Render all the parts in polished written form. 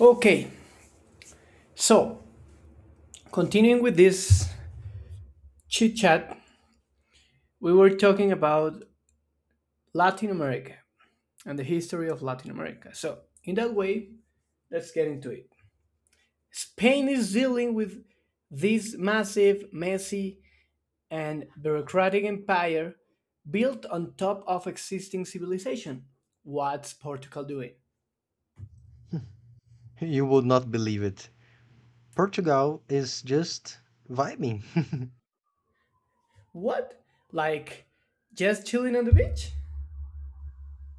Okay, so continuing with this chit chat, we were talking about Latin America and the history of Latin America. So, in that way, let's get into it. Spain is dealing with this massive, messy, and bureaucratic empire built on top of existing civilization. What's Portugal doing? You would not believe it. Portugal is just vibing. What? Like, just chilling on the beach?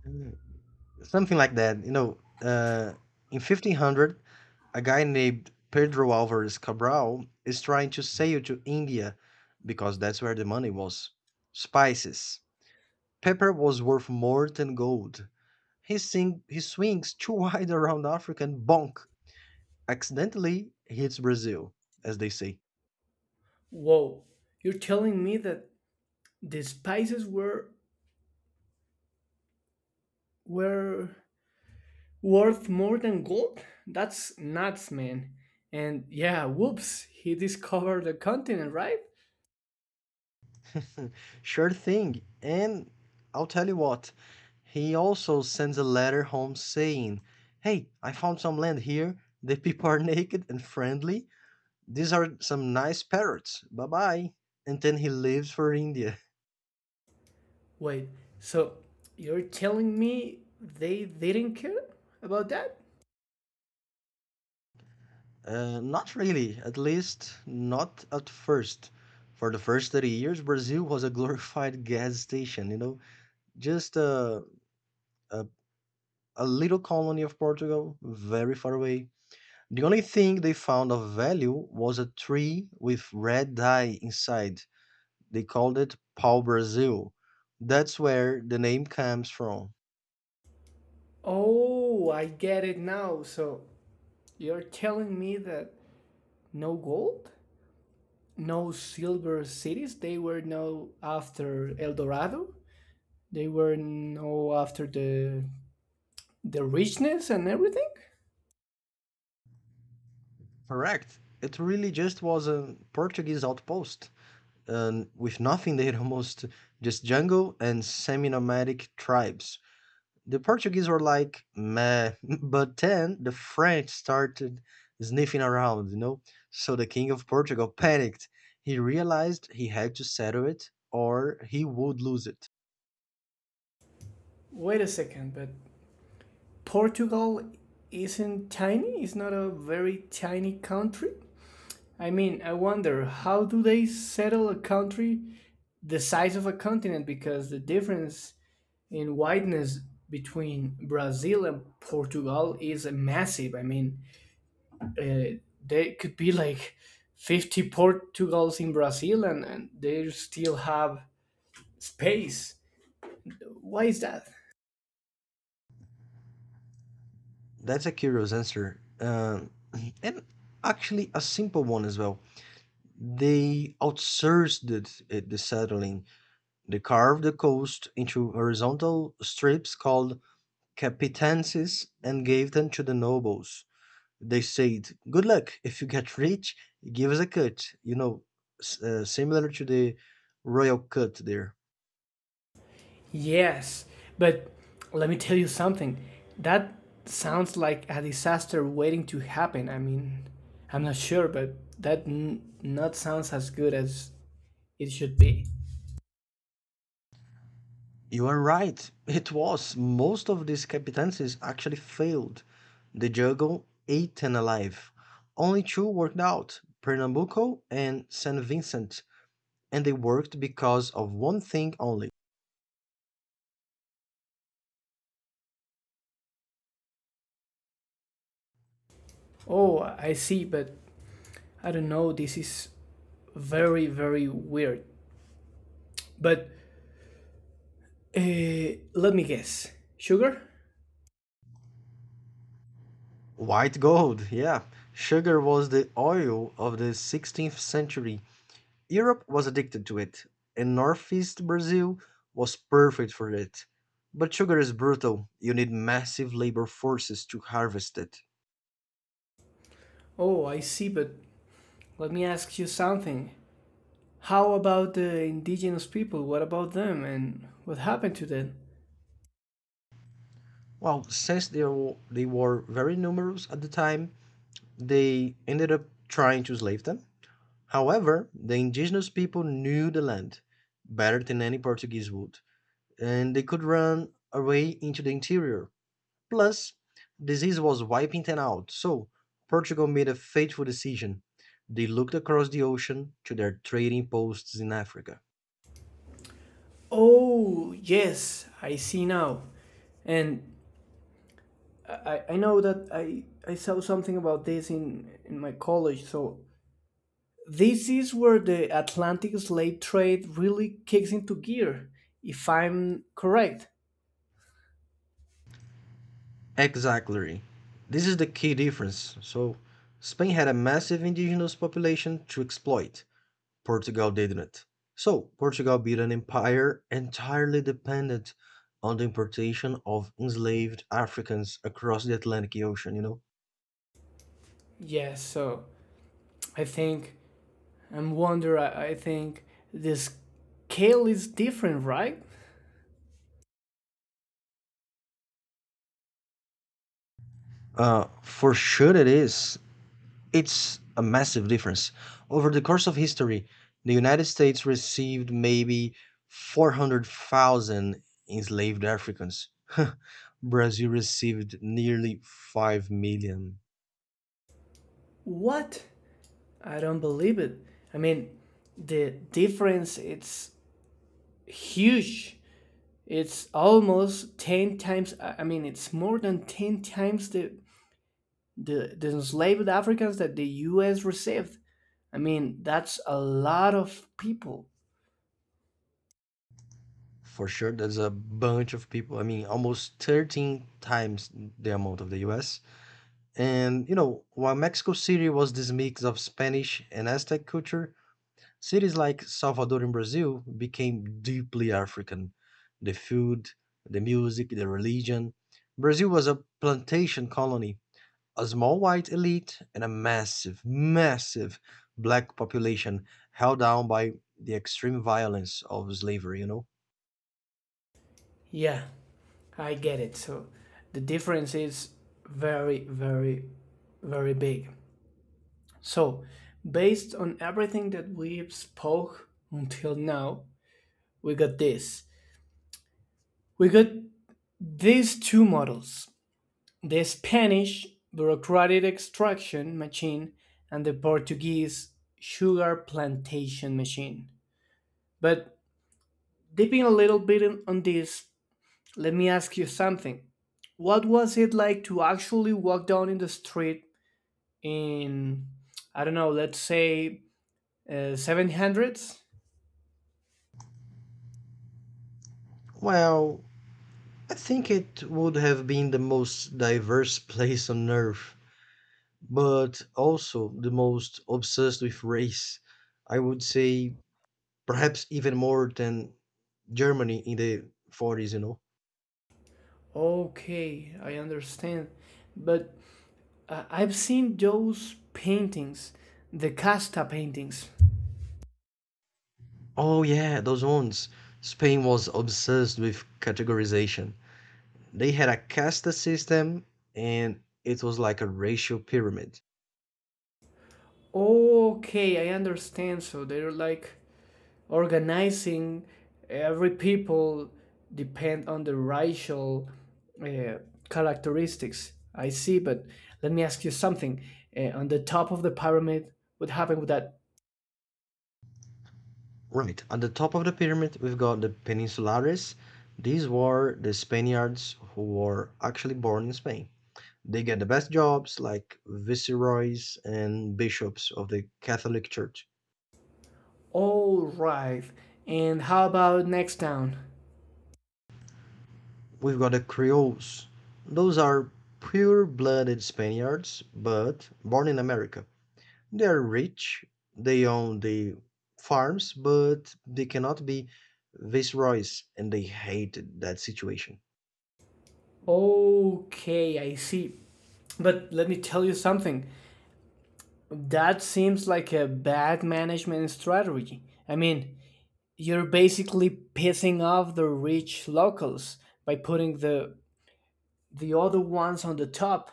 Mm. Something like that. In 1500, a guy named Pedro Alvarez Cabral is trying to sail to India because that's where the money was. Spices. Pepper was worth more than gold. He swings too wide around Africa and bonk, accidentally hits Brazil, as they say. Whoa, you're telling me that the spices were worth more than gold? That's nuts, man. And yeah, whoops, he discovered the continent, right? Sure thing. And I'll tell you what, he also sends a letter home saying, "Hey, I found some land here. The people are naked and friendly. These are some nice parrots. Bye bye." And then he leaves for India. Wait, so you're telling me they didn't care about that? Not really, at least not at first. For the first 30 years, Brazil was a glorified gas station, just a, a little colony of Portugal, very far away. The only thing they found of value was a tree with red dye inside. They called it Pau Brasil. That's where the name comes from. Oh, I get it now. So you're telling me that no gold? No silver cities? They were no after El Dorado? They were no after the richness and everything? Correct. It really just was a Portuguese outpost, and with nothing there almost, just jungle and semi nomadic tribes. The Portuguese were like, meh. But then the French started sniffing around, you know? So the King of Portugal panicked. He realized he had to settle it or he would lose it. Wait a second, but Portugal isn't tiny, it's not a very tiny country. I mean, I wonder how do they settle a country the size of a continent because the difference in wideness between Brazil and Portugal is massive. I mean, uh, they could be like 50 Portugals in Brazil and they still have space. Why is that? That's a curious answer. And actually, a simple one as well. They outsourced it, the settling. They carved the coast into horizontal strips called capitancies and gave them to the nobles. They said, "Good luck. If you get rich, give us a cut." Similar to the royal cut there. Yes, but let me tell you something. That sounds like a disaster waiting to happen. I mean, I'm not sure, but that not sounds as good as it should be. You are right. It was. Most of these captaincies actually failed. The juggle, eight and alive. Only two worked out: Pernambuco and St. Vincent. And they worked because of one thing only: Oh, I see, but I don't know. This is very, very weird. But uh, let me guess. Sugar? white gold. Yeah. Sugar was the oil of the 16th century. Europe was addicted to it, and northeast Brazil was perfect for it. But sugar is brutal. You need massive labor forces to harvest it. Oh, I see, but let me ask you something. How about the indigenous people? What about them and what happened to them? Well, since they were very numerous at the time, they ended up trying to slave them. However, the indigenous people knew the land better than any Portuguese would, and they could run away into the interior. Plus, disease was wiping them out, so Portugal made a fateful decision. They looked across the ocean to their trading posts in Africa. Oh, yes, I see now. And I know that I saw something about this in my college. So, this is where the Atlantic slave trade really kicks into gear, if I'm correct. Exactly. This is the key difference. So, Spain had a massive indigenous population to exploit. Portugal didn't. So, Portugal built an empire entirely dependent on the importation of enslaved Africans across the Atlantic Ocean, you know? Yes, so I think, I'm wonder, I think the scale is different, right? For sure it is. It's a massive difference. Over the course of history, the United States received maybe 400,000 enslaved Africans. Brazil received nearly 5 million. What? I don't believe it. I mean, the difference it's huge. It's almost 10 times. I mean, it's more than 10 times the enslaved Africans that the U.S. received. I mean, that's a lot of people. For sure, that's a bunch of people. I mean, almost 13 times the amount of the US. And while Mexico City was this mix of Spanish and Aztec culture, cities like Salvador in Brazil became deeply African. The food, the music, the religion. Brazil was a plantation colony, a small white elite, and a massive, massive black population held down by the extreme violence of slavery, you know? Yeah, I get it. So the difference is very, very, very big. So based on everything that we've spoke until now, we got this. We got these two models. The Spanish bureaucratic extraction machine and the Portuguese sugar plantation machine. But dipping a little bit on this, let me ask you something. What was it like to actually walk down in the street in, I don't know, let's say 700s? Well, I think it would have been the most diverse place on earth, but also the most obsessed with race. I would say perhaps even more than Germany in the 40s, you know. Okay, I understand. But I've seen those paintings, the Casta paintings. Oh yeah, those ones. Spain was obsessed with categorization. They had a caste system and it was like a racial pyramid. Okay, I understand. So they're like organizing every people depend on the racial uh, characteristics. I see, but let me ask you something. On the top of the pyramid, what happened with that? Right, at the top of the pyramid we've got the peninsulares. These were the Spaniards who were actually born in Spain. They get the best jobs like viceroys and bishops of the Catholic Church. All right. And how about next town? We've got the Creoles. Those are pure blooded Spaniards, but born in America. They are rich, they own the farms, but they cannot be viceroys, and they hated that situation. Okay, I see. But let me tell you something. That seems like a bad management strategy. I mean, you're basically pissing off the rich locals by putting the other ones on the top.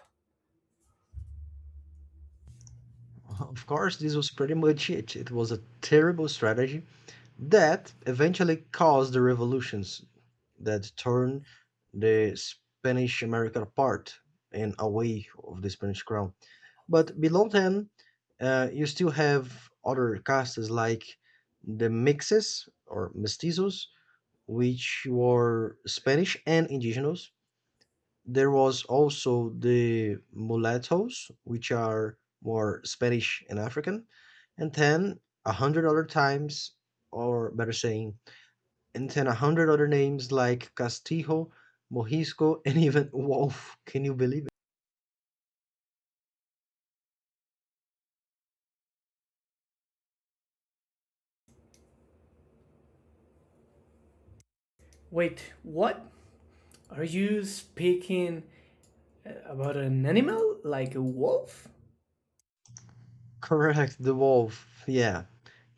Of course, this was pretty much it. It was a terrible strategy that eventually caused the revolutions that turned the Spanish America apart and away of the Spanish crown. But below them, you still have other castes like the mixes or mestizos, which were Spanish and indigenous. There was also the mulattoes, which are more Spanish and African. And then 100 other times, or better saying, and then 100 other names like Castijo, Morisco, and even Wolf. Can you believe it? Wait, what? Are you speaking about an animal like a wolf? Correct, the wolf. Yeah.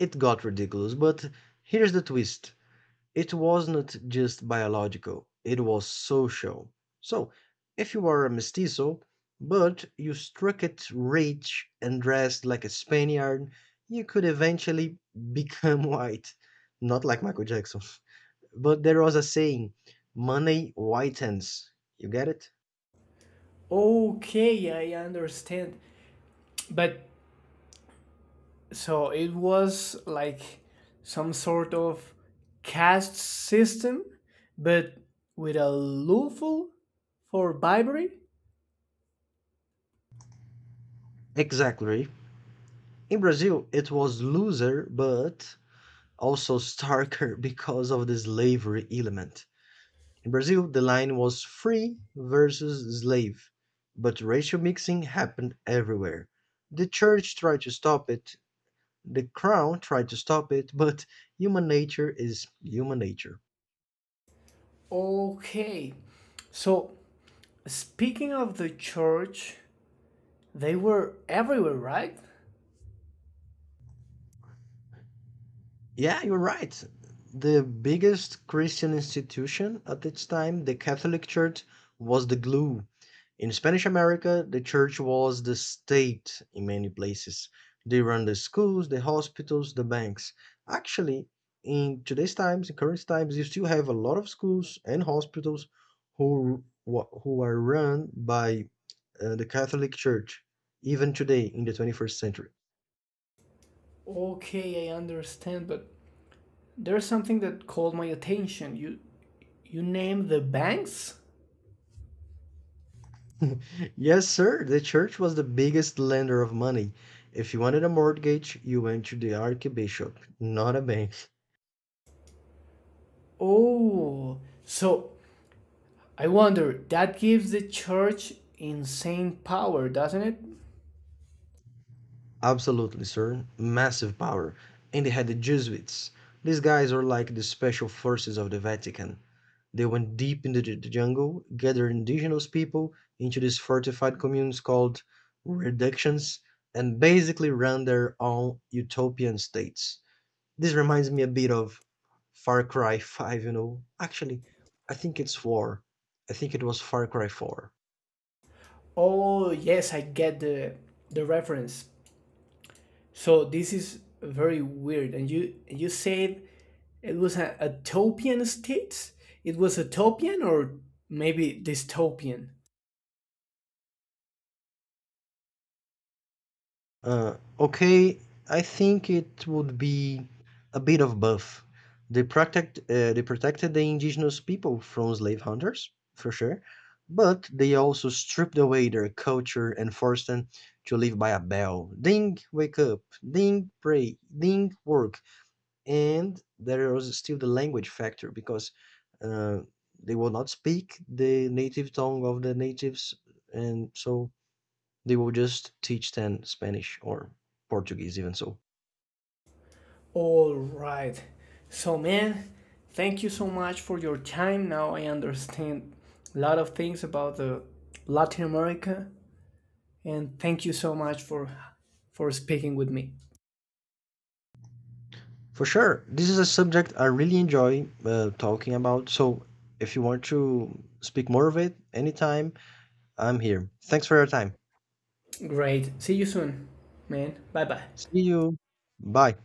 It got ridiculous, but here's the twist. It wasn't just biological, it was social. So, if you were a mestizo, but you struck it rich and dressed like a Spaniard, you could eventually become white. Not like Michael Jackson. But there was a saying: money whitens. You get it? Okay, I understand. But so it was like some sort of caste system, but with a loophole for bribery? Exactly. In Brazil, it was loser, but also starker because of the slavery element. In Brazil, the line was free versus slave, but racial mixing happened everywhere. The church tried to stop it, the crown tried to stop it, but human nature is human nature. Okay. So, speaking of the church, they were everywhere, right? Yeah, you're right. The biggest Christian institution at its time, the Catholic Church, was the glue. In Spanish America, the church was the state in many places. They run the schools, the hospitals, the banks. Actually, in today's times, in current times, you still have a lot of schools and hospitals who who are run by the Catholic Church, even today in the 21st century. Okay, I understand, but there's something that called my attention. You name the banks? Yes, sir, the church was the biggest lender of money. If you wanted a mortgage, you went to the archbishop, not a bank. Oh, so I wonder, that gives the church insane power, doesn't it? Absolutely, sir. Massive power. And they had the Jesuits. These guys are like the special forces of the Vatican. They went deep into the jungle, gathered indigenous people into these fortified communes called reductions, and basically ran their own utopian states. This reminds me a bit of Far Cry 5, you know. Actually, I think it's 4. I think it was Far Cry 4. Oh, yes, I get the reference. So this is very weird. And you said it was a utopian state? It was utopian or maybe dystopian? Okay, I think it would be a bit of both. They protected the indigenous people from slave hunters, for sure, but they also stripped away their culture and forced them to live by a bell. Ding, wake up. Ding, pray. Ding, work. And there was still the language factor because uh, they will not speak the native tongue of the natives, and so they will just teach them Spanish or Portuguese, even so. All right. So, man, thank you so much for your time. Now I understand a lot of things about the Latin America, and thank you so much for speaking with me. For sure, this is a subject I really enjoy talking about. So if you want to speak more of it anytime, I'm here. Thanks for your time. Great. See you soon, man. Bye bye. See you. Bye.